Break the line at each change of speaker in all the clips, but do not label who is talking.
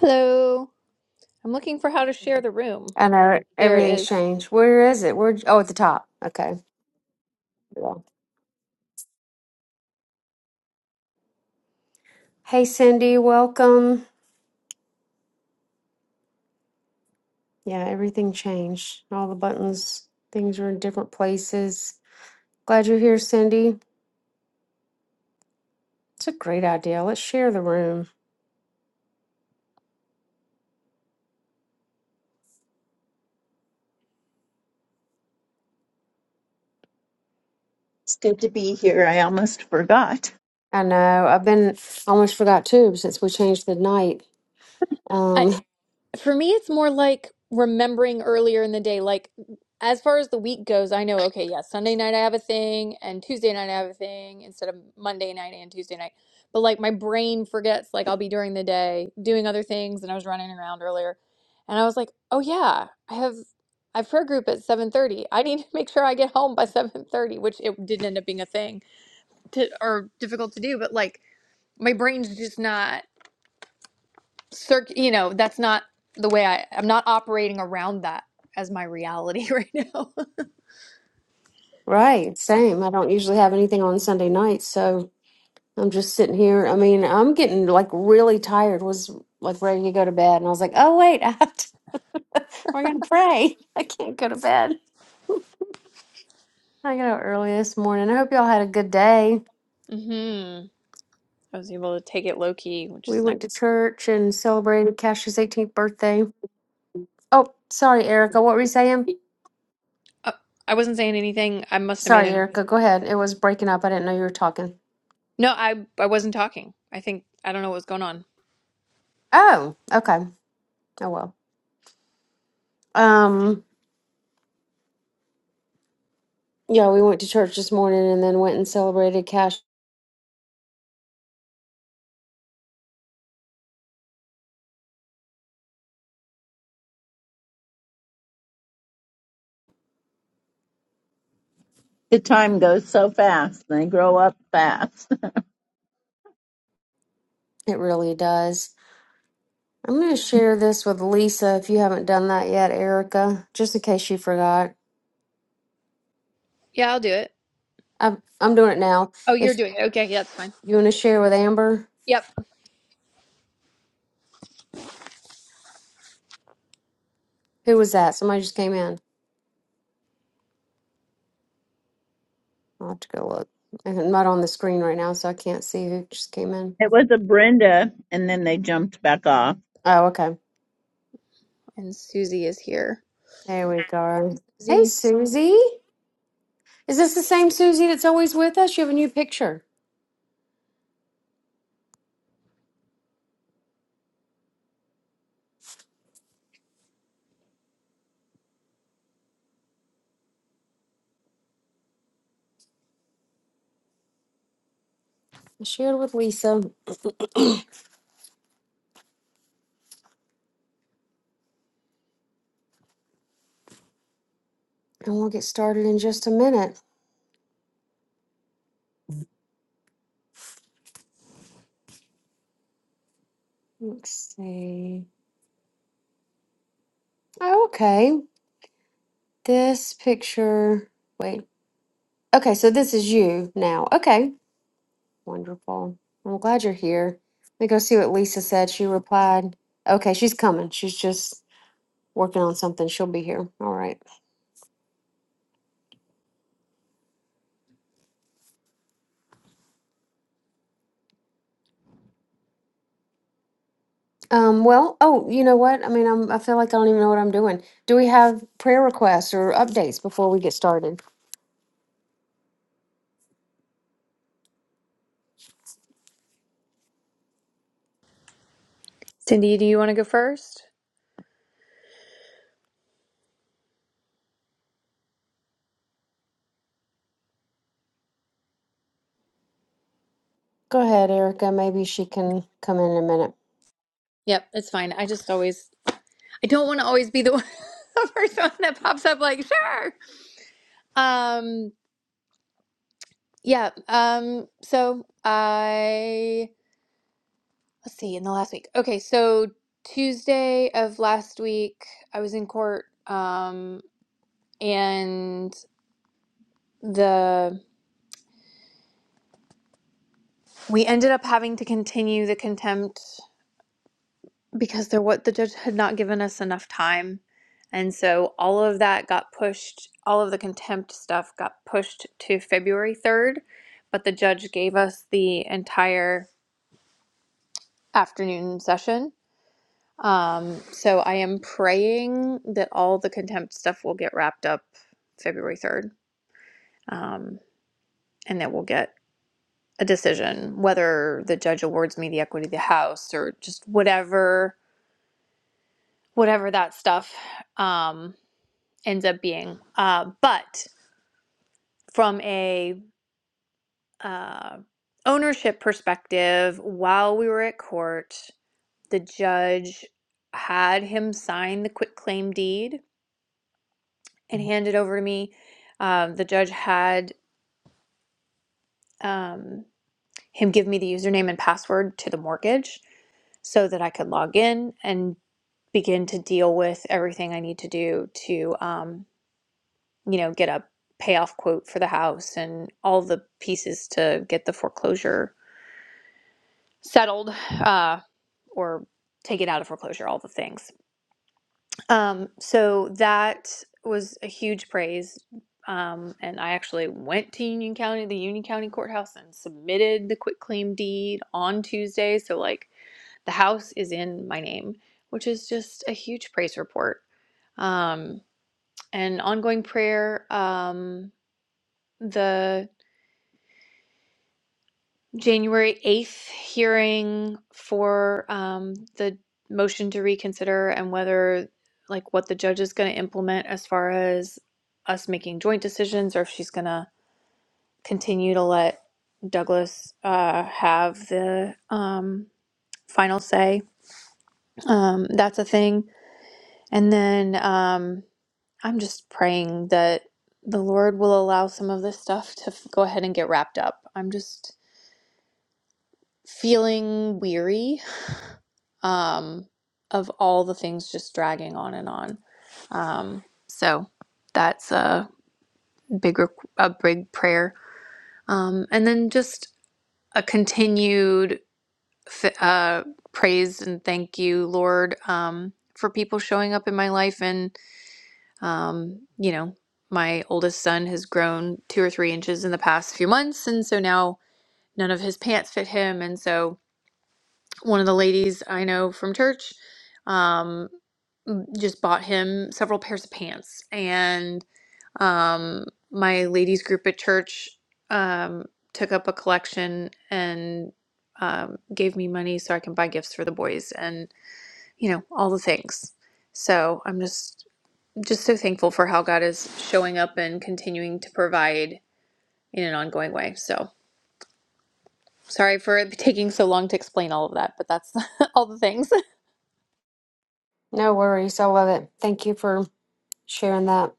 Hello. I'm looking for how to share the room.
I know
There it
everything's
is.
changed. Where is it? Where? Oh, at the top. Okay. Yeah. Hey, Cindy, welcome. Yeah, everything changed. All the buttons, things were in different places. Glad you're here, Cindy. It's a great idea. Let's share the room.
It's good to be here. I almost forgot.
I know. I've been almost forgot too since we changed the night.
I,
Um,
for me, it's more like remembering earlier in the day. Like, as far as the week goes, I know, okay, yeah, Sunday night I have a thing, and Tuesday night I have a thing, instead of Monday night and Tuesday night. But like, my brain forgets, like, I'll be during the day doing other things, and I was running around earlier. And I was like, oh, yeah, I have. I have prayer group at 7:30. I need to make sure I get home by 7:30, which it didn't end up being a thing to, or difficult to do, but like my brain's just not circ you know that's not the way i i'm not operating around that as my reality right now
right, same. I don't usually have anything on Sunday nights, so I'm just sitting here. I mean, I'm getting like really tired. Was like ready to go to bed, and I was like, "Oh wait, I have to, we're gonna pray. I can't go to bed. I got up early this morning. I hope y'all had a good day.
hmm i was able to take it low key which
We
is nice
went to church and celebrated Cash's 18th birthday. Oh, sorry, Erica. What were you saying?
uh, i wasn't saying anything i must have made
Sorry,
a noise
Erica. Go ahead. It was breaking up. I didn't know you were talking.
no i i wasn't talking i think i don't know what was going on
Oh, okay. Oh well. Um, yeah, we went to church this morning and then went and celebrated Cash.
The time goes so fast. They grow up fast.
It really does. I'm going to share this with Lisa if you haven't done that yet, Erica, just in case you forgot.
yeah i'll do it
I'm I'm doing it now.
oh
If
you're doing it okay yeah that's fine
you want to share with Amber,
yep
who was that? Somebody just came in. I'll have to go look. I'm not on the screen right now, so I can't see who just came in.
It was a Brenda, and then they jumped back off.
Oh, okay.
and susie is here
There we go. Hey,
susie
Susie. Is this the same Susie that's always with us? You have a new picture. I shared with Lisa, and we'll get started in just a minute. Let's see. Oh, okay. This picture. Wait. Okay, so this is you now. Okay. Wonderful. I'm glad you're here. Let me go see what Lisa said. She replied. Okay, she's coming. She's just working on something. She'll be here. All right. Um, well, oh, you know what? I mean, I'm, I feel like I don't even know what I'm doing. Do we have prayer requests or updates before we get started?
cindy do you want to go first
Go ahead, Erica. Maybe she can come in a minute.
yep it's fine i just always i don't want to always be the one the first one that pops up like sure um Yeah. Um, so I, let's see, in the last week. Okay, so Tuesday of last week, I was in court, um, and the we ended up having to continue the contempt because there what the judge had not given us enough time. And so all of that got pushed, all of the contempt stuff got pushed to February 3rd, but the judge gave us the entire afternoon session. Um, so I am praying that all the contempt stuff will get wrapped up February 3rd, um, and that we'll get a decision, whether the judge awards me the equity of the house or just whatever, whatever that stuff um, ends up being. Uh, but from a uh, ownership perspective, while we were at court, the judge had him sign the quitclaim deed and handed over to me. Um, the judge had um, him give me the username and password to the mortgage so that I could log in and begin to deal with everything I need to do to, um, you know, get a payoff quote for the house and all the pieces to get the foreclosure settled uh, or take it out of foreclosure, all the things. Um, so that was a huge praise. Um, and I actually went to Union County, the Union County Courthouse, and submitted the quitclaim deed on Tuesday. So, like, the house is in my name, which is just a huge praise report. Um, and ongoing prayer, um, the January 8th hearing for um, the motion to reconsider and whether, like, what the judge is going to implement as far as us making joint decisions or if she's going to continue to let Douglas uh, have the um, final say. Um, that's a thing. And then um, I'm just praying that the Lord will allow some of this stuff to f- go ahead and get wrapped up. I'm just feeling weary um, of all the things just dragging on and on. Um, so that's a big, a big prayer. Um, and then just a continued uh, praise and thank you, Lord, um, for people showing up in my life. And, um, you know, my oldest son has grown two or three inches in the past few months. And so now none of his pants fit him. And so one of the ladies I know from church. Um, just bought him several pairs of pants and um my ladies group at church um took up a collection and um gave me money so I can buy gifts for the boys and you know all the things. So I'm just just so thankful for how God is showing up and continuing to provide in an ongoing way. So sorry for it taking so long to explain all of that, but that's all the things.
No worries. I love it. Thank you for sharing that.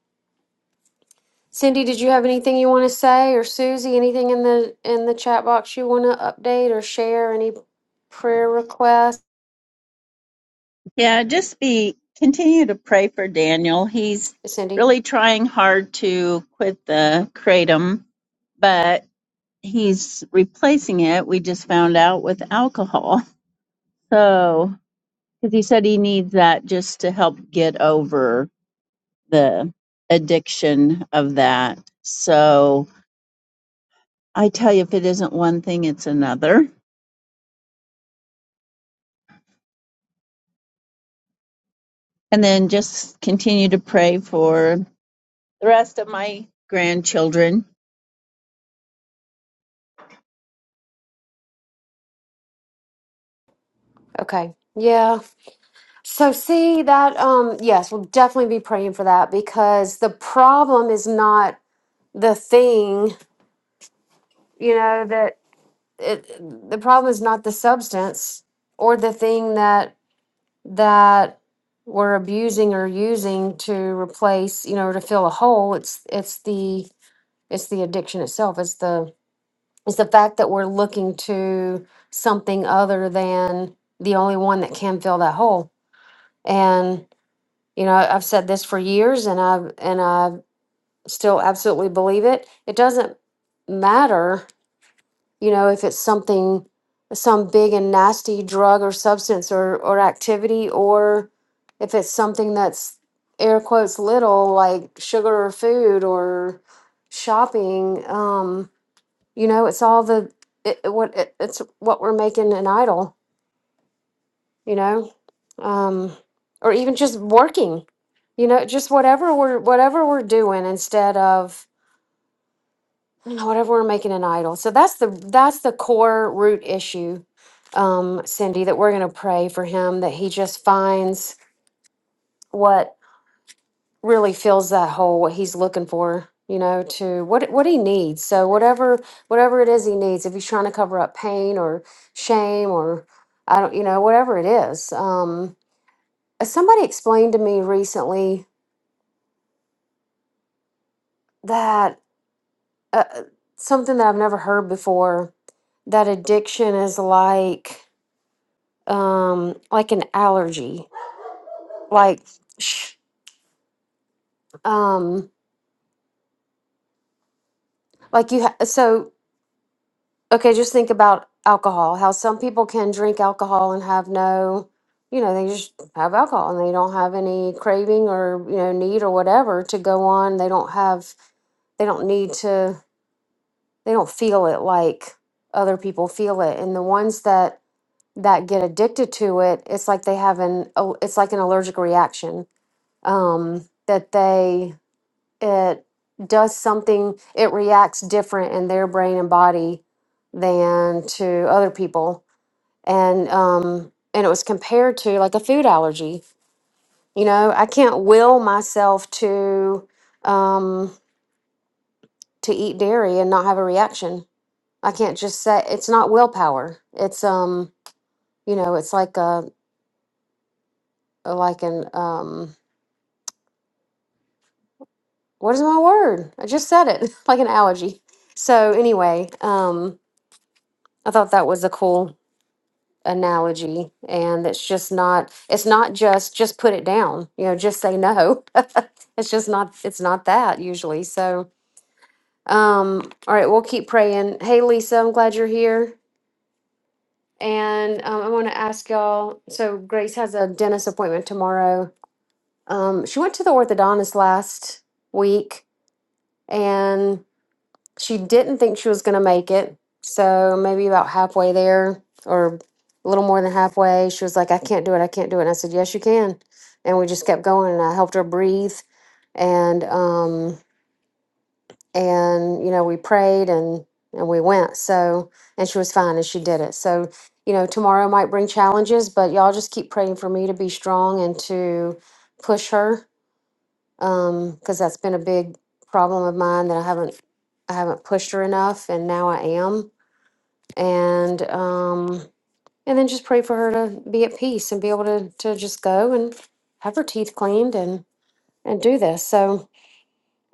Cindy, did you have anything you want to say, or Susie, anything in the in the chat box you want to update or share? Any prayer requests?
Yeah, just be continue to pray for Daniel. He's
Cindy.
really trying hard to quit the kratom, but he's replacing it, we just found out, with alcohol. So, because he said he needs that just to help get over the addiction of that. So, I tell you, if it isn't one thing, it's another. And then just continue to pray for the rest of my grandchildren.
Okay. Yeah. So see that um yes, we'll definitely be praying for that because the problem is not the thing, you know, that it, the problem is not the substance or the thing that that we're abusing or using to replace, you know, to fill a hole. It's it's the it's the addiction itself. It's the it's the fact that we're looking to something other than the only one that can fill that hole. And you know, I've said this for years, and I've and I still absolutely believe it. It doesn't matter you know if it's something some big and nasty drug or substance or or activity or if it's something that's air quotes little like sugar or food or shopping um you know it's all the it, it- what it, it's what we're making an idol you know um or even just working you know just whatever we're whatever we're doing instead of whatever we're making an idol so that's the that's the core root issue um cindy that we're going to pray for him that he just finds what really fills that hole what he's looking for you know to what what he needs so whatever whatever it is he needs if he's trying to cover up pain or shame or i don't you know whatever it is um somebody explained to me recently that uh, something that i've never heard before that addiction is like um like an allergy like sh- um like you ha- so okay just think about alcohol how some people can drink alcohol and have no you know they just have alcohol and they don't have any craving or you know need or whatever to go on they don't have they don't need to they don't feel it like other people feel it and the ones that that get addicted to it it's like they have an oh, it's like an allergic reaction um that they it does something it reacts different in their brain and body than to other people and um and it was compared to like a food allergy you know i can't will myself to um to eat dairy and not have a reaction i can't just say it's not willpower it's um you know it's like a like an um what is my word i just said it like an allergy so anyway um i thought that was a cool analogy and it's just not it's not just just put it down you know just say no it's just not it's not that usually so um all right we'll keep praying hey lisa i'm glad you're here and um, i want to ask y'all so grace has a dentist appointment tomorrow um she went to the orthodontist last week she didn't think she was going to make it. So maybe about halfway there or a little more than halfway, she was like, I can't do it. I can't do it. And I said, Yes, you can. And we just kept going and I helped her breathe. And, um, and, you know, we prayed and, and we went. So, and she was fine and she did it. So, you know, tomorrow might bring challenges, but y'all just keep praying for me to be strong and to push her um because that's been a big problem of mine that i haven't i haven't pushed her enough and now i am and um and then just pray for her to be at peace and be able to to just go and have her teeth cleaned and and do this so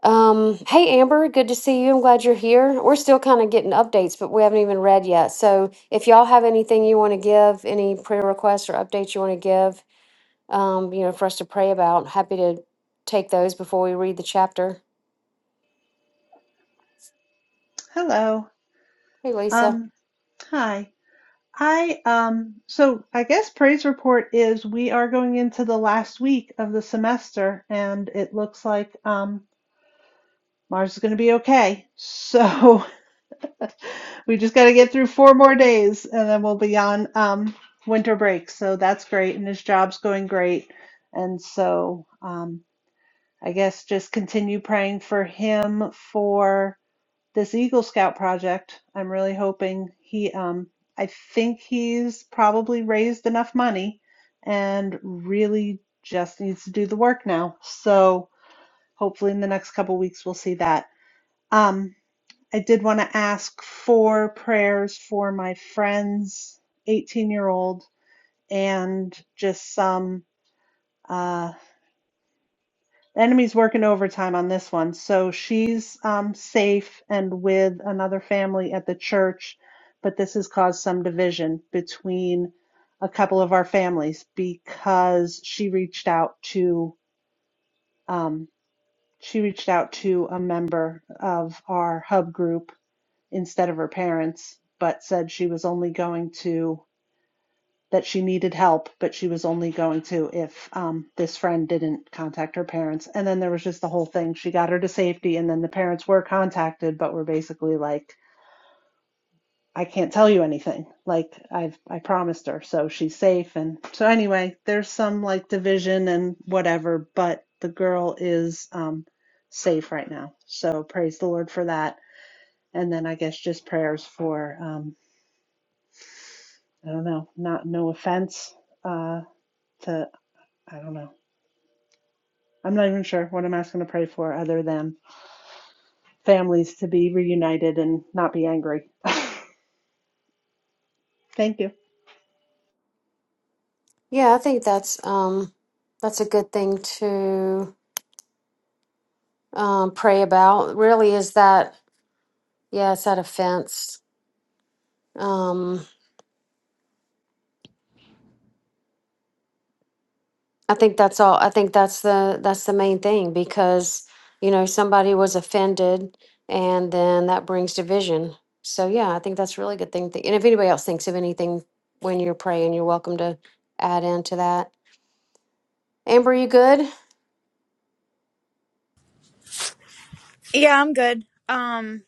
um hey amber good to see you i'm glad you're here we're still kind of getting updates but we haven't even read yet so if y'all have anything you want to give any prayer requests or updates you want to give um you know for us to pray about happy to take those before we read the chapter
Hello.
Hey Lisa.
Um, hi. I um so I guess praise report is we are going into the last week of the semester and it looks like um Mars is going to be okay. So we just got to get through four more days and then we'll be on um winter break. So that's great and his job's going great. And so um I guess just continue praying for him for this Eagle Scout project, I'm really hoping he, um, I think he's probably raised enough money and really just needs to do the work now. So hopefully in the next couple weeks we'll see that. Um, I did want to ask for prayers for my friend's 18 year old and just some. uh, Enemy's working overtime on this one. So she's um, safe and with another family at the church, but this has caused some division between a couple of our families because she reached out to um, she reached out to a member of our hub group instead of her parents, but said she was only going to that she needed help, but she was only going to if um, this friend didn't contact her parents. And then there was just the whole thing. She got her to safety, and then the parents were contacted, but were basically like, "I can't tell you anything. Like I've I promised her, so she's safe." And so anyway, there's some like division and whatever, but the girl is um, safe right now. So praise the Lord for that. And then I guess just prayers for um, I don't know, not no offense uh, to I don't know I'm not even sure what I'm asking to pray for other than families to be reunited and not be angry. Thank you.
Yeah, I think that's um that's a good thing to um pray about. Really is that yeah, it's that offense. Um I think that's all I think that's the that's the main thing because you know somebody was offended and then that brings division. So yeah, I think that's a really good thing. To, and if anybody else thinks of anything when you're praying, you're welcome to add into that. Amber, you good?
Yeah, I'm good. Um,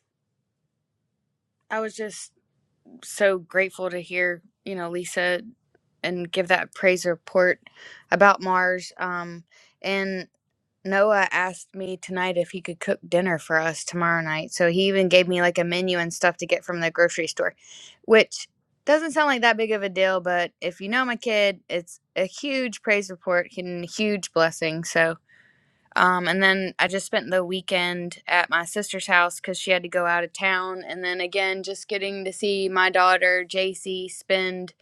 I was just so grateful to hear, you know, Lisa and give that praise report about Mars. Um, and Noah asked me tonight if he could cook dinner for us tomorrow night. So he even gave me like a menu and stuff to get from the grocery store, which doesn't sound like that big of a deal, but if you know my kid, it's a huge praise report and a huge blessing. So, um, and then I just spent the weekend at my sister's house because she had to go out of town. And then again, just getting to see my daughter, JC, spend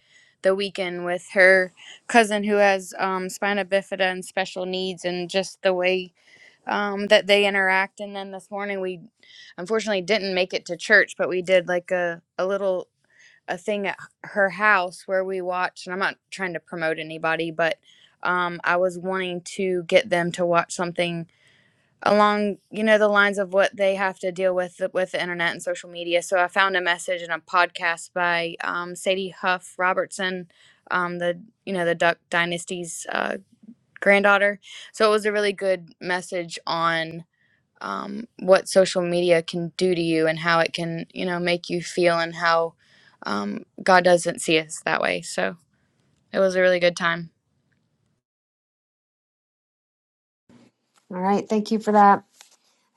the weekend with her cousin who has um, spina bifida and special needs, and just the way um, that they interact. And then this morning, we unfortunately didn't make it to church, but we did like a, a little a thing at her house where we watched and i'm not trying to promote anybody but um, i was wanting to get them to watch something along you know the lines of what they have to deal with with the internet and social media so i found a message in a podcast by um, sadie huff robertson um, the you know the duck dynasty's uh, granddaughter so it was a really good message on um, what social media can do to you and how it can you know make you feel and how um, god doesn't see us that way so it was a really good time
All right, thank you for that.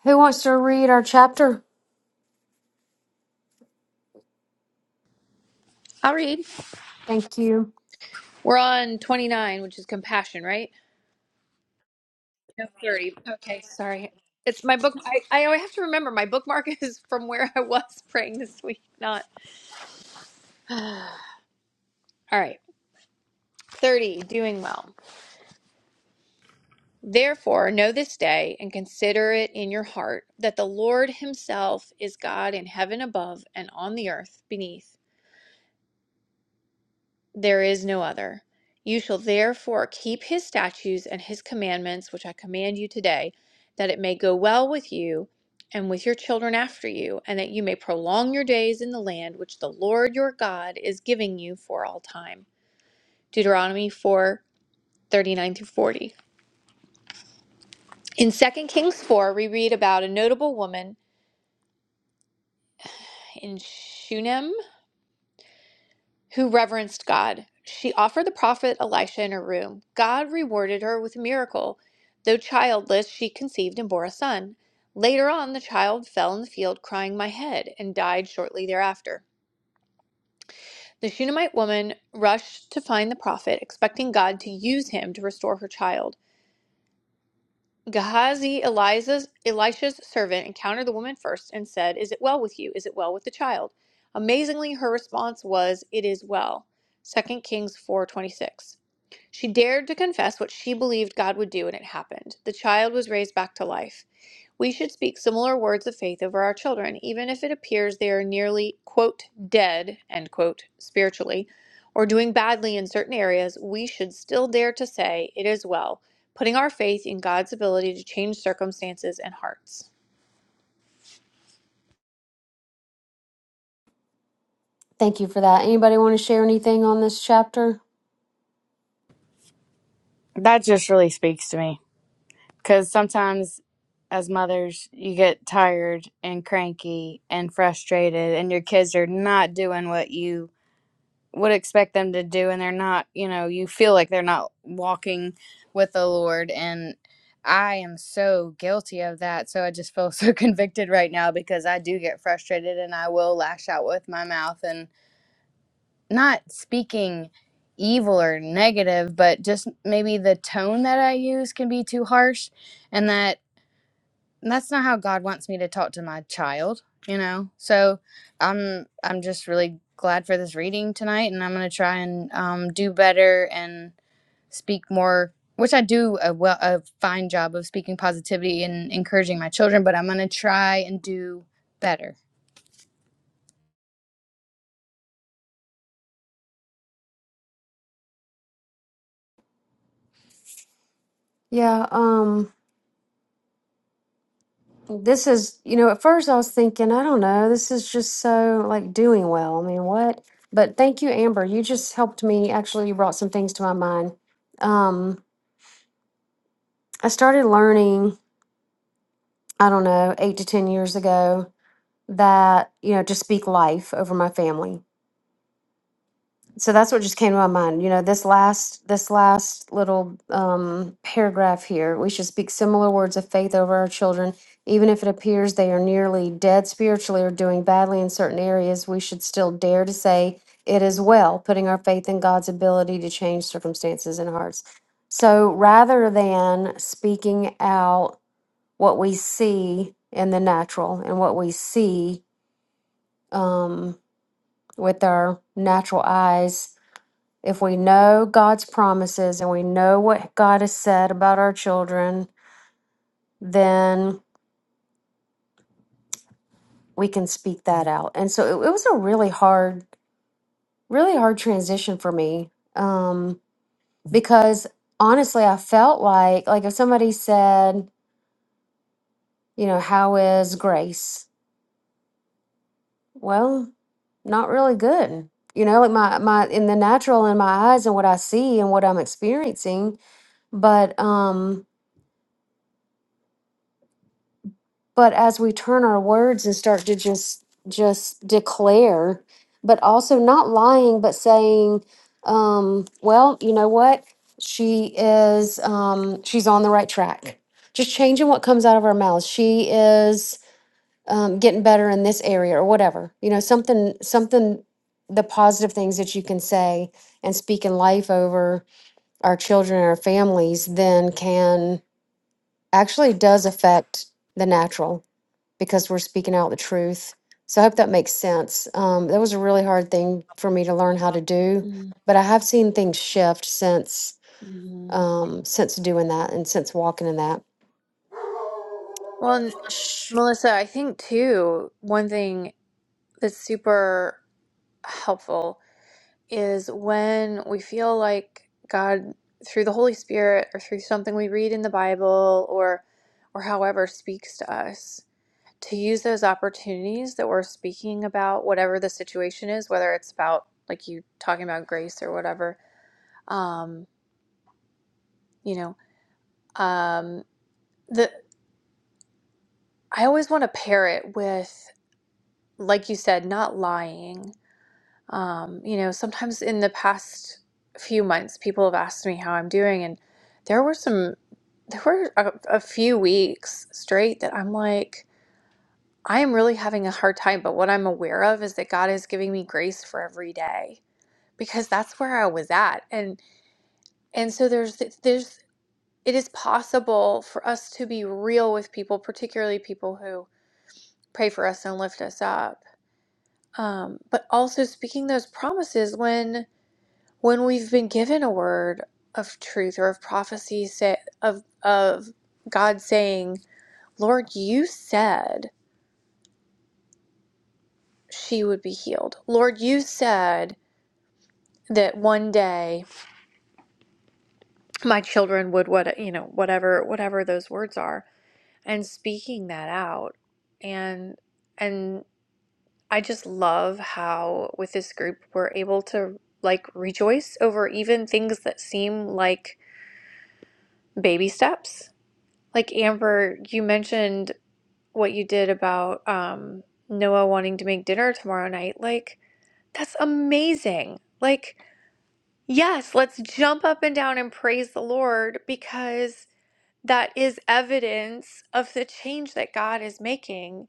Who wants to read our chapter?
I'll read.
Thank you.
We're on 29, which is compassion, right? No thirty. Okay, sorry. It's my book. I, I have to remember my bookmark is from where I was praying this week. Not all right. Thirty. Doing well. Therefore, know this day and consider it in your heart that the Lord Himself is God in heaven above and on the earth beneath. There is no other. You shall therefore keep his statutes and his commandments, which I command you today, that it may go well with you and with your children after you, and that you may prolong your days in the land which the Lord your God is giving you for all time. Deuteronomy 4 39 through 40. In Second Kings 4, we read about a notable woman in Shunem who reverenced God. She offered the prophet Elisha in her room. God rewarded her with a miracle. Though childless, she conceived and bore a son. Later on, the child fell in the field crying, My head, and died shortly thereafter. The Shunammite woman rushed to find the prophet, expecting God to use him to restore her child. Gehazi, Eliza's, Elisha's servant, encountered the woman first and said, Is it well with you? Is it well with the child? Amazingly, her response was, It is well. Second Kings 4:26. She dared to confess what she believed God would do, and it happened. The child was raised back to life. We should speak similar words of faith over our children, even if it appears they are nearly, quote, dead, end quote, spiritually, or doing badly in certain areas, we should still dare to say, it is well, putting our faith in God's ability to change circumstances and hearts.
Thank you for that. Anybody want to share anything on this chapter?
that just really speaks to me because sometimes as mothers you get tired and cranky and frustrated and your kids are not doing what you would expect them to do and they're not you know you feel like they're not walking with the lord and i am so guilty of that so i just feel so convicted right now because i do get frustrated and i will lash out with my mouth and not speaking evil or negative but just maybe the tone that i use can be too harsh and that that's not how God wants me to talk to my child, you know. So I'm I'm just really glad for this reading tonight, and I'm gonna try and um, do better and speak more, which I do a well a fine job of speaking positivity and encouraging my children, but I'm gonna try and do better.
Yeah, um this is, you know, at first I was thinking, I don't know, this is just so like doing well. I mean, what? But thank you, Amber. You just helped me. Actually, you brought some things to my mind. Um I started learning, I don't know, 8 to 10 years ago that, you know, to speak life over my family. so that's what just came to my mind you know this last this last little um, paragraph here we should speak similar words of faith over our children even if it appears they are nearly dead spiritually or doing badly in certain areas we should still dare to say it is well putting our faith in god's ability to change circumstances and hearts so rather than speaking out what we see in the natural and what we see um, with our natural eyes if we know God's promises and we know what God has said about our children, then we can speak that out. And so it, it was a really hard, really hard transition for me um, because honestly, I felt like like if somebody said, you know, how is grace? Well, not really good. You know, like my my in the natural in my eyes and what I see and what I'm experiencing, but um but as we turn our words and start to just just declare but also not lying but saying um well you know what she is um she's on the right track just changing what comes out of our mouths she is um, getting better in this area or whatever you know something something the positive things that you can say and speak in life over our children and our families then can actually does affect the natural because we're speaking out the truth. So I hope that makes sense. Um, that was a really hard thing for me to learn how to do,
Mhm.
but I have seen things shift since um, since doing that and since walking in that.
Well, and Melissa, I think too, one thing that's super helpful is when we feel like God, through the Holy Spirit or through something we read in the Bible or or however speaks to us, to use those opportunities that we're speaking about, whatever the situation is, whether it's about like you talking about grace or whatever, um, you know, um, the I always want to pair it with, like you said, not lying. Um, you know, sometimes in the past few months, people have asked me how I'm doing, and there were some. there were a, a few weeks straight that I'm like, I am really having a hard time. But what I'm aware of is that God is giving me grace for every day because that's where I was at. And and so there's there's it is possible for us to be real with people, particularly people who pray for us and lift us up. Um, but also speaking those promises when when we've been given a word of truth or of prophecy say, of of God saying, "Lord, you said." she would be healed. Lord, you said that one day my children would what you know whatever whatever those words are and speaking that out and and I just love how with this group we're able to like rejoice over even things that seem like baby steps. Like Amber, you mentioned what you did about um Noah wanting to make dinner tomorrow night. Like that's amazing. Like Yes, let's jump up and down and praise the Lord because that is evidence of the change that God is making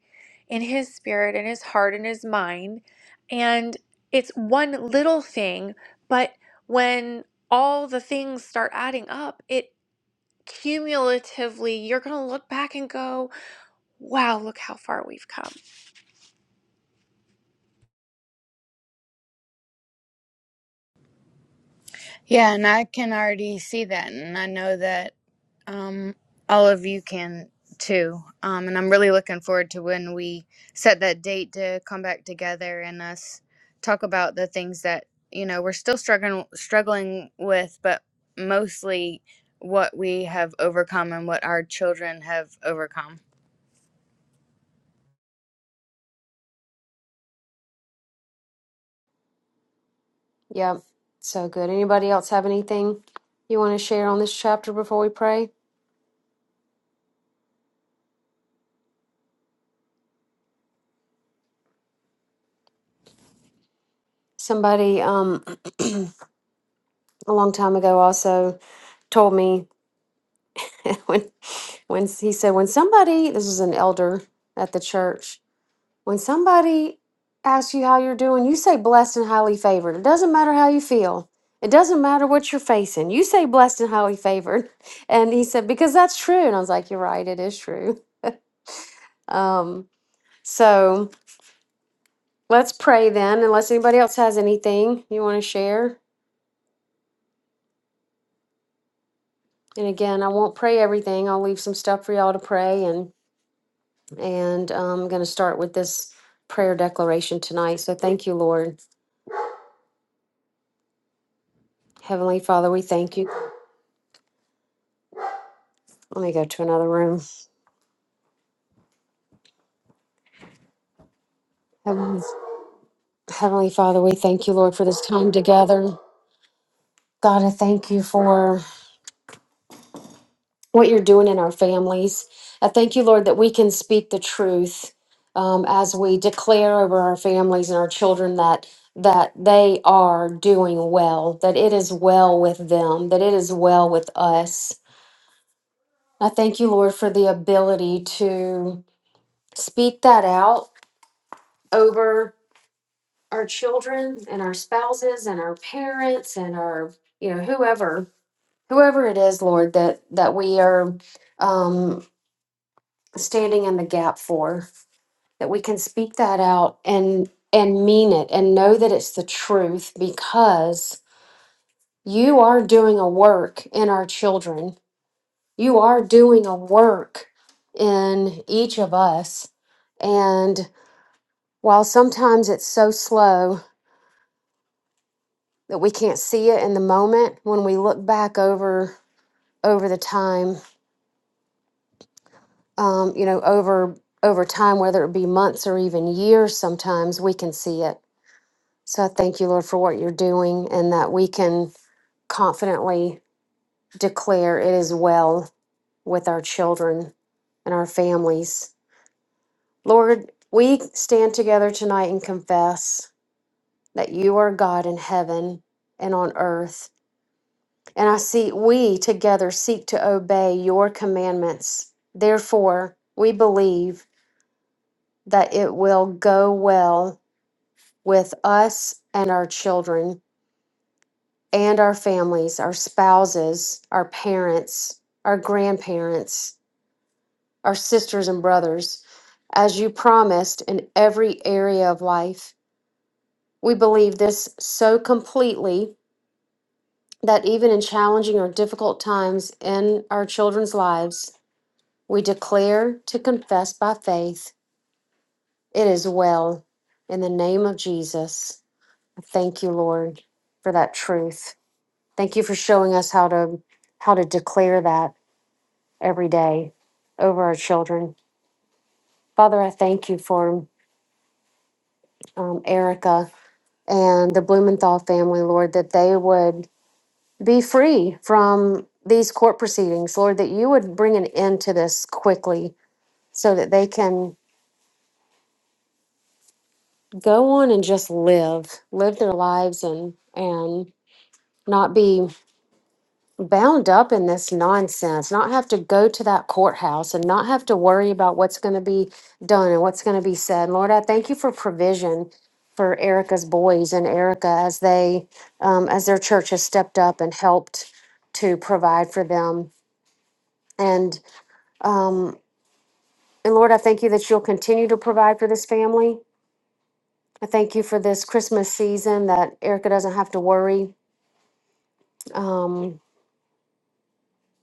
in his spirit and his heart and his mind. And it's one little thing, but when all the things start adding up, it cumulatively, you're going to look back and go, wow, look how far we've come.
Yeah, and I can already see that, and I know that um, all of you can too. Um, and I'm really looking forward to when we set that date to come back together and us talk about the things that you know we're still struggling struggling with, but mostly what we have overcome and what our children have overcome.
Yep, so good. Anybody else have anything you want to share on this chapter before we pray? Somebody um, a long time ago also told me when when he said when somebody this was an elder at the church When somebody asks you how you're doing, you say blessed and highly favored. It doesn't matter how you feel. It doesn't matter what you're facing. You say blessed and highly favored. And he said, because that's true. And I was like, you're right. It is true. Um, so let's pray then, unless anybody else has anything you want to share. And again, I won't pray everything. I'll leave some stuff for y'all to pray. And, and I'm going to start with this prayer declaration tonight. So thank you, Lord. Heavenly Father, we thank you. Let me go to another room. Heavenly Heavenly Father, we thank you, Lord, for this time together. God, I thank you for what you're doing in our families. I thank you, Lord, that we can speak the truth um, as we declare over our families and our children that that they are doing well, that it is well with them, that it is well with us. I thank you, Lord, for the ability to speak that out over our children and our spouses and our parents and our, you know, whoever whoever it is, Lord, that that we are um, standing in the gap for, that we can speak that out and and mean it and know that it's the truth because you are doing a work in our children. You are doing a work in each of us. And while sometimes it's so slow that we can't see it in the moment, when we look back over over the time um, you know, over over time, whether it be months or even years, sometimes we can see it. So I thank you, Lord, for what you're doing, and that we can confidently declare it is well with our children and our families. Lord, we stand together tonight and confess that you are God in heaven and on earth. And I see we together seek to obey your commandments. Therefore, we believe that it will go well with us and our children and our families, our spouses, our parents, our grandparents, our sisters and brothers, as you promised in every area of life. We believe this so completely that even in challenging or difficult times in our children's lives, we declare to confess by faith, it is well. In the name of Jesus, I thank you, Lord, for that truth. Thank you for showing us how to how to declare that every day over our children. Father, I thank you for um, Erica and the Blumenthal family, Lord, that they would be free from these court proceedings, Lord, that you would bring an end to this quickly so that they can go on and just live, live their lives and and not be bound up in this nonsense, not have to go to that courthouse and not have to worry about what's going to be done and what's going to be said. Lord, I thank you for provision for Erica's boys and Erica as they, um, as their church has stepped up and helped to provide for them. And, um, and Lord, I thank you that you'll continue to provide for this family. I thank you for this Christmas season that Erica doesn't have to worry um,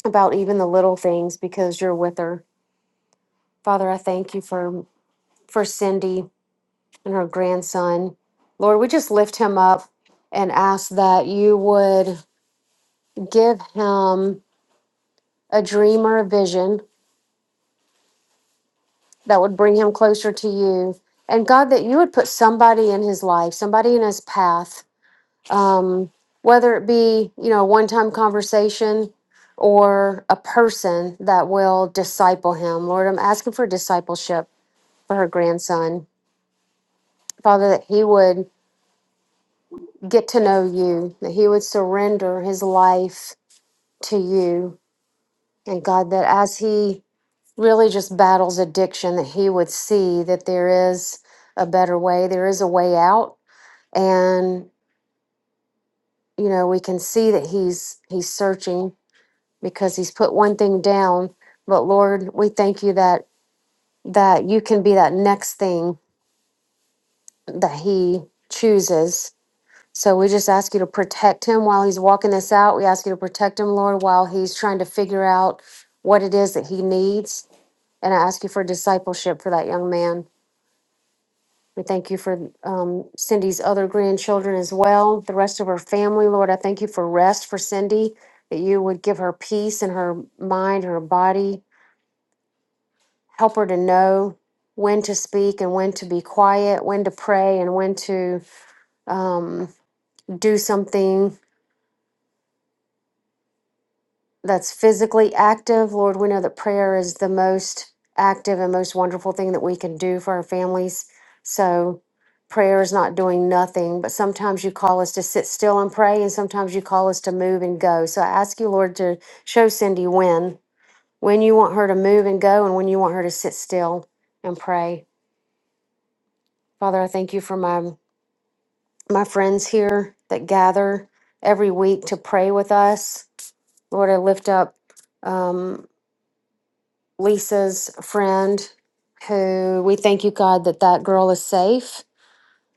about even the little things because you're with her. Father, I thank you for for Cindy and her grandson. Lord, we just lift him up and ask that you would give him a dream or a vision that would bring him closer to you. And God, that you would put somebody in his life, somebody in his path, um, whether it be, you know, a one time conversation or a person that will disciple him. Lord, I'm asking for discipleship for her grandson. Father, that he would get to know you, that he would surrender his life to you. And God, that as he really just battles addiction, that he would see that there is a better way, there is a way out. And, you know, we can see that he's he's searching because he's put one thing down. But Lord, we thank you that that you can be that next thing that he chooses So we just ask you to protect him while he's walking this out. We ask you to protect him, Lord, while he's trying to figure out what it is that he needs. And I ask you for discipleship for that young man. We thank you for um, Cindy's other grandchildren as well, the rest of her family, Lord. I thank you for rest for Cindy, that you would give her peace in her mind, her body, help her to know when to speak and when to be quiet, when to pray and when to um, do something that's physically active. Lord, we know that prayer is the most active and most wonderful thing that we can do for our families. So, prayer is not doing nothing, but sometimes you call us to sit still and pray, and sometimes you call us to move and go. So, I ask you, Lord, to show Cindy when, when you want her to move and go, and when you want her to sit still and pray. Father, I thank you for my my friends here that gather every week to pray with us. Lord, I lift up. Um, Lisa's friend, who we thank you, God, that that girl is safe.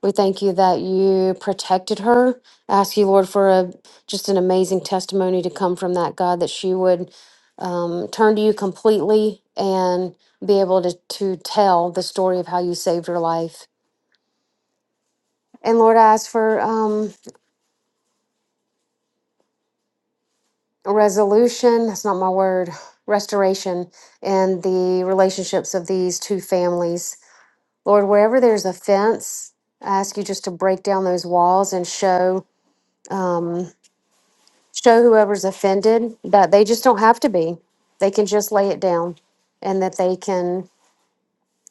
We thank you that you protected her. Ask you, Lord, for a just an amazing testimony to come from that, God, that she would um, turn to you completely and be able to, to tell the story of how you saved her life. And Lord, I ask for um, a resolution. That's not my word. Restoration in the relationships of these two families Lord, wherever there's a fence, I ask you just to break down those walls and show um, show whoever's offended that they just don't have to be. They can just lay it down, and that they can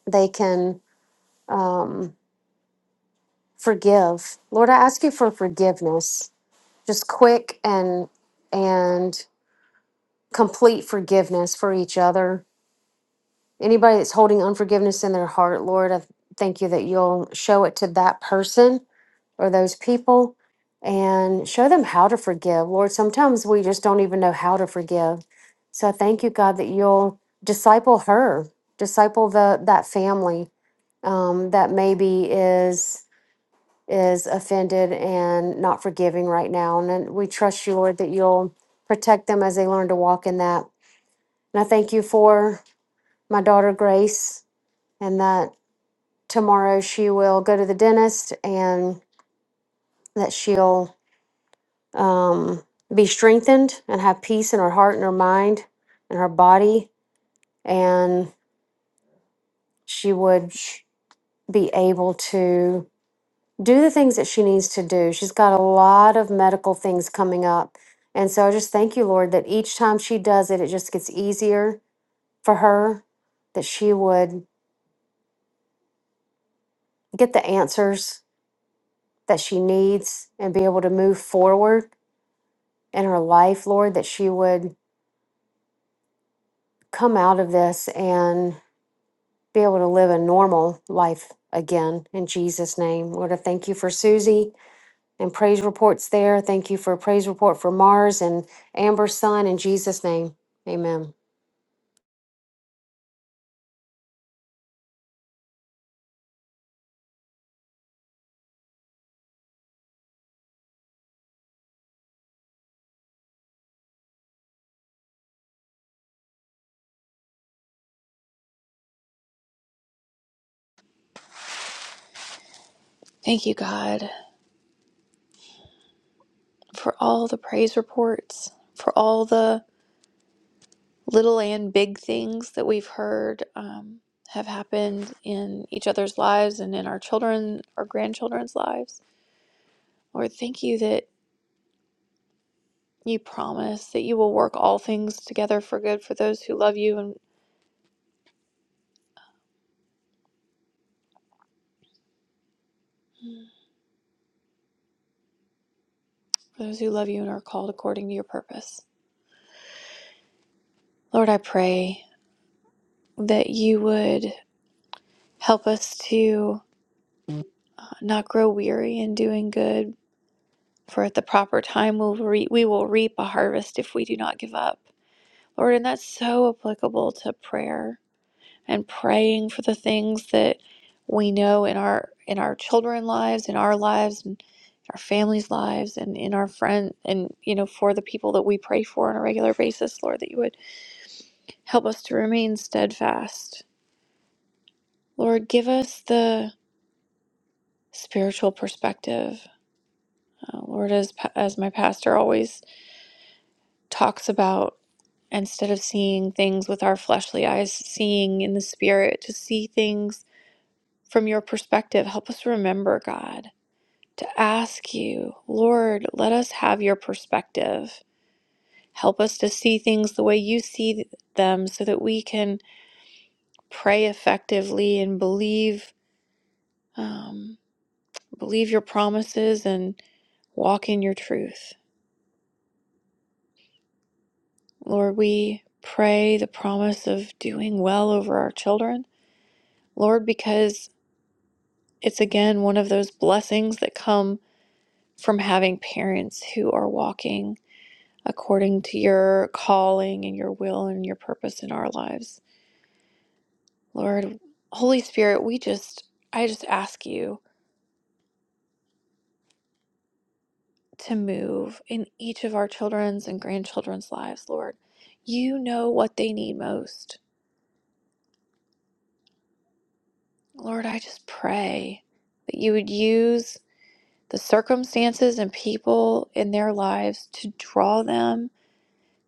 they can um, forgive. Lord, I ask you for forgiveness, just quick and and complete forgiveness for each other. Anybody that's holding unforgiveness in their heart, Lord, I thank you that you'll show it to that person or those people and show them how to forgive. Lord, sometimes we just don't even know how to forgive. So I thank you, God, that you'll disciple her, disciple the that family um, that maybe is is offended and not forgiving right now. And then we trust you, Lord, that you'll protect them as they learn to walk in that. And I thank you for my daughter Grace and that tomorrow she will go to the dentist and that she'll um, be strengthened and have peace in her heart and her mind and her body. And she would be able to do the things that she needs to do. She's got a lot of medical things coming up. And so I just thank you, Lord, that each time she does it, it just gets easier for her, that she would get the answers that she needs and be able to move forward in her life, Lord, that she would come out of this be able to live a normal life again in Jesus' name. Lord, I thank you for Susie and praise reports there. Thank you for a praise report for Mars and Amber's son in Jesus' name. Amen.
Thank you, God, for all the praise reports, for all the little and big things that we've heard um, have happened in each other's lives and in our children, our grandchildren's lives. Lord, thank you that you promise that you will work all things together for good for those who love you and for those who love you and are called according to your purpose. Lord, I pray that you would help us to not grow weary in doing good, for at the proper time we'll re- we will reap a harvest if we do not give up. Lord, and that's so applicable to prayer and praying for the things that we know in our in our children's lives, in our lives, and our families' lives, and in our friend and you know for the people that we pray for on a regular basis, Lord, that you would help us to remain steadfast. Lord, give us the spiritual perspective. Uh, Lord, as pa- as my pastor always talks about, instead of seeing things with our fleshly eyes, seeing in the spirit, to see things from your perspective. Help us remember, God, to ask you, Lord, let us have your perspective. Help us to see things the way you see them so that we can pray effectively and believe um, believe your promises and walk in your truth. Lord, we pray the promise of doing well over our children. Lord, because it's again one of those blessings that come from having parents who are walking according to your calling and your will and your purpose in our lives. Lord, Holy Spirit, we just, I just ask you to move in each of our children's and grandchildren's lives, Lord. You know what they need most. Lord, I just pray that you would use the circumstances and people in their lives to draw them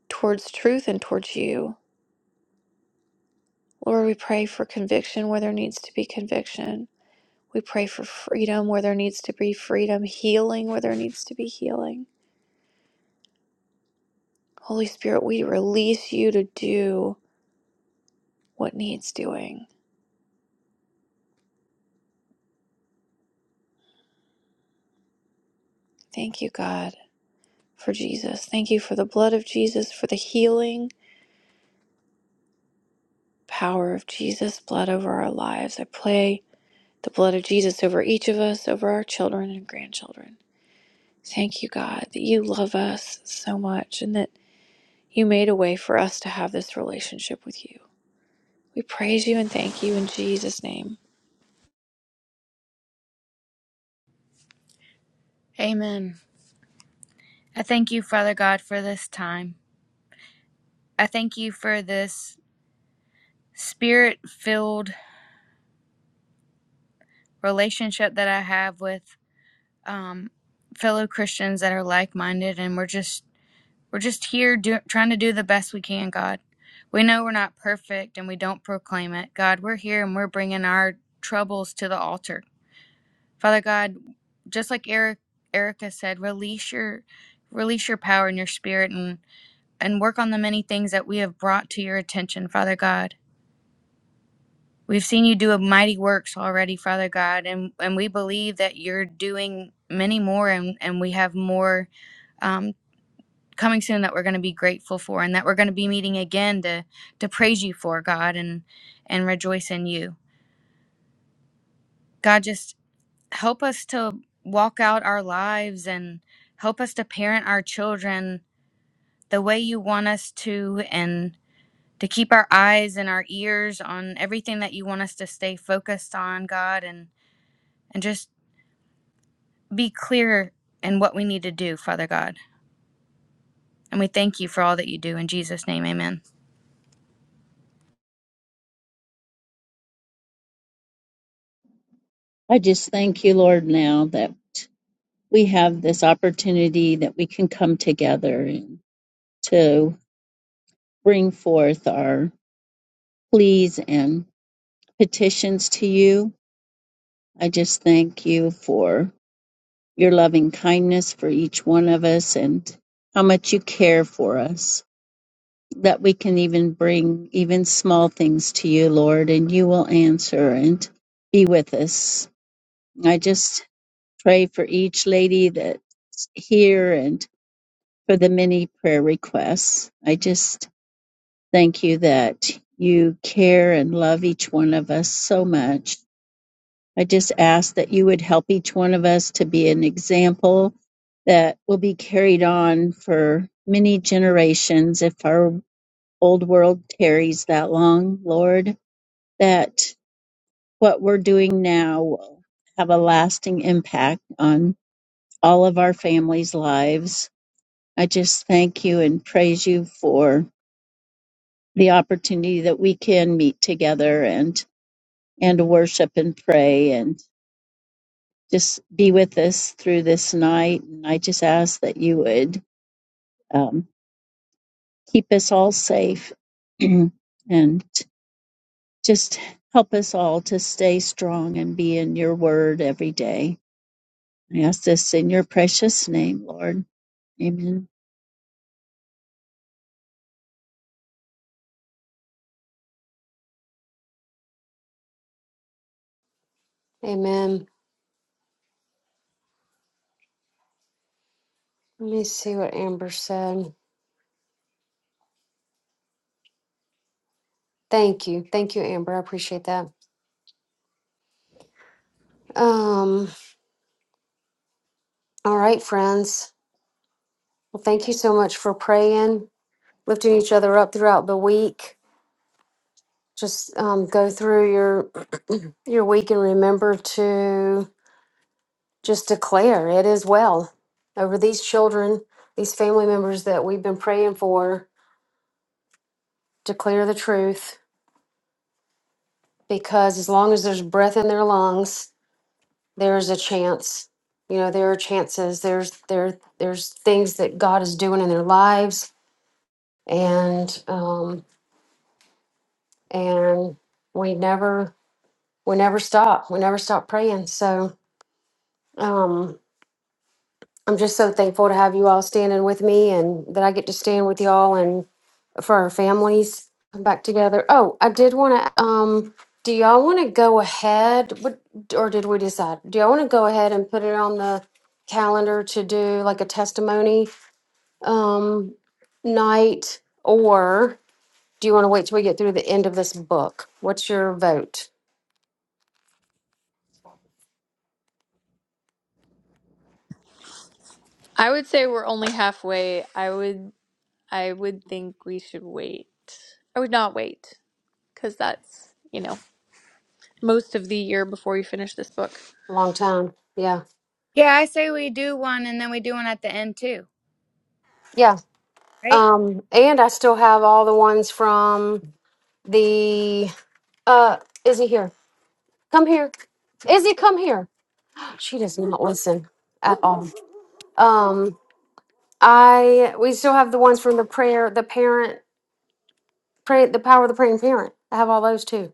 towards truth and towards you. Lord, we pray for conviction where there needs to be conviction. We pray for freedom where there needs to be freedom, healing where there needs to be healing. Holy Spirit, we release you to do what needs doing. Thank you, God, for Jesus. Thank you for the blood of Jesus, for the healing power of Jesus' blood over our lives. I pray the blood of Jesus over each of us, over our children and grandchildren. Thank you, God, that you love us so much and that you made a way for us to have this relationship with you. We praise you and thank you in Jesus' name.
Amen. I thank you, Father God, for this time. I thank you for this spirit filled relationship that I have with um, fellow Christians that are like minded, and we're just we're just here do, trying to do the best we can. God, we know we're not perfect, and we don't proclaim it. God, we're here and we're bringing our troubles to the altar. Father God, just like Eric Erica said, release your release your power and your spirit, and and work on the many things that we have brought to your attention, Father God. We've seen you do a mighty works already, Father God, and, and we believe that you're doing many more, and, and we have more um, coming soon that we're going to be grateful for, and that we're going to be meeting again to to praise you for God and and rejoice in you. God, just help us to walk out our lives and help us to parent our children the way you want us to, and to keep our eyes and our ears on everything that you want us to stay focused on, God, and and just be clear in what we need to do, Father God. And we thank you for all that you do. In Jesus' name, amen.
I just thank you, Lord, now that we have this opportunity that we can come together and to bring forth our pleas and petitions to you. I just thank you for your loving kindness for each one of us and how much you care for us, that we can even bring even small things to you, Lord, and you will answer and be with us. I just pray for each lady that's here and for the many prayer requests. I just thank you that you care and love each one of us so much I just ask that you would help each one of us to be an example that will be carried on for many generations if our old world tarries that long, Lord, that what we're doing now will have a lasting impact on all of our families' lives. I just thank you and praise you for the opportunity that we can meet together and and worship and pray and. just be with us through this night. And I just ask that you would um, keep us all safe and just help us all to stay strong and be in your word every day. I ask this in your precious name, Lord. Amen.
Amen. Let me see what Amber said. Thank you. Thank you, Amber. I appreciate that. Um, all right, friends. Well, thank you so much for praying, lifting each other up throughout the week. Just um, go through your your week and remember to just declare it is well over these children, these family members that we've been praying for. Declare the truth because as long as there's breath in their lungs, there's a chance. You know, there are chances. There's there there's things that God is doing in their lives, and um, and we never we never stop. We never stop praying. So um, I'm just so thankful to have you all standing with me, and that I get to stand with y'all for our families back together. Oh, I did want to. Um, do y'all want to go ahead, What or did we decide? Do y'all want to go ahead and put it on the calendar to do like a testimony um, night, or do you want to wait till we get through the end of this book? What's your vote?
I would say we're only halfway. I would I would think we should wait. I would not wait because that's, you know, most of the year before you finish this book.
Long time, yeah,
Yeah, I say we do one and then we do one at the end too,
yeah.
right?
Um, and I still have all the ones from the. Uh, Izzy here. Come here. Izzy, come here. She does not listen at all. Um, I we still have the ones from the prayer, the parent, pray, the power of the praying parent. I have all those too.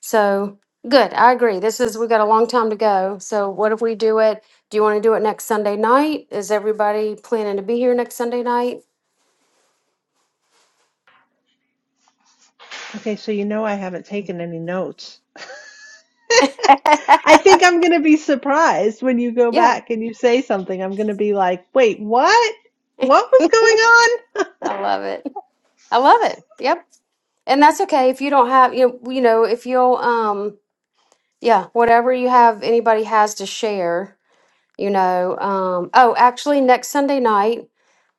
So good. I agree. This is we got a long time to go. So what if we do it? Do you want to do it next Sunday night? Is everybody planning to be here next Sunday night?
Okay, so you know I haven't taken any notes. I think I'm going to be surprised when you go
yeah,
back and you say something. I'm going to be like, wait, what? What was going on?
I love it. I love it. Yep. And that's okay if you don't have you know, you know if you'll um yeah whatever you have anybody has to share you know um oh actually next sunday night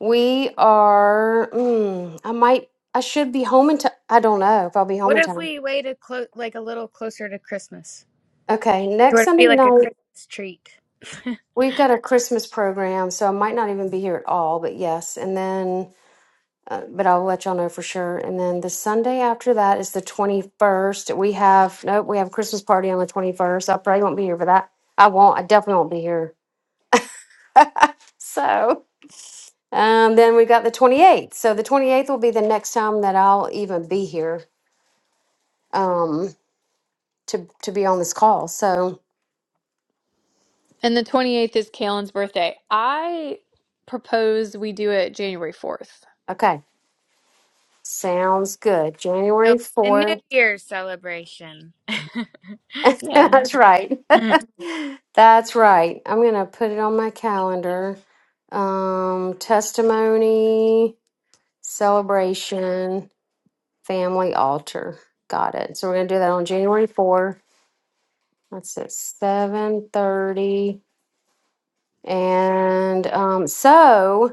we are mm, i might i should be home in time i don't know if i'll be home
What
in
if
time
we waited clo- like a little closer to Christmas?
okay
It
next
would
sunday
be like a
night
Christmas treat. It'll
we've got a christmas program so i might not even be here at all but yes and then uh, but i'll let y'all know for sure and then the sunday after that is the 21st we have nope we have a christmas party on the 21st i probably won't be here for that i won't i definitely won't be here so Um, then we've got the 28th. So the 28th will be the next time that I'll even be here um, to, to be on this call. So,
And the 28th is Kalen's birthday. I propose we do it January 4th.
okay, sounds good.
be
January
a New
4th.
Year's celebration.
Yeah.
That's right.
Good
That's right. I'm going to put it on my calendar. Um, testimony, celebration, family altar. Got it. So we're going to do that on January 4th. That's at 7:30. And um, so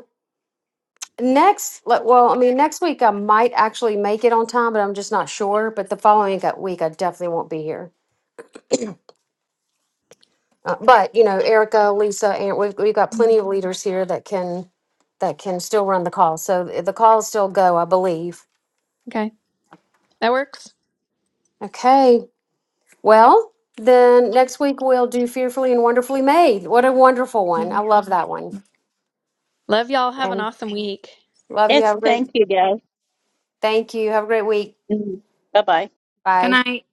Next, le- well, I mean, next week I might actually make it on time, but I'm just not sure. But the following go- week, I definitely won't be here. Uh, but you know, Erica, Lisa, and we've we've got plenty of leaders here that can that can still run the call. So th- the calls still go, I believe.
Okay. That works.
Okay. Well, then next week we'll do fearfully and wonderfully made. What a wonderful one! I
Mhm.
love that one,
Love y'all. Have an
and
awesome week.
love you.
Yes,
Have a great.
thank you, guys.
Thank you. Have a great week.
Bye bye.
Bye.
night.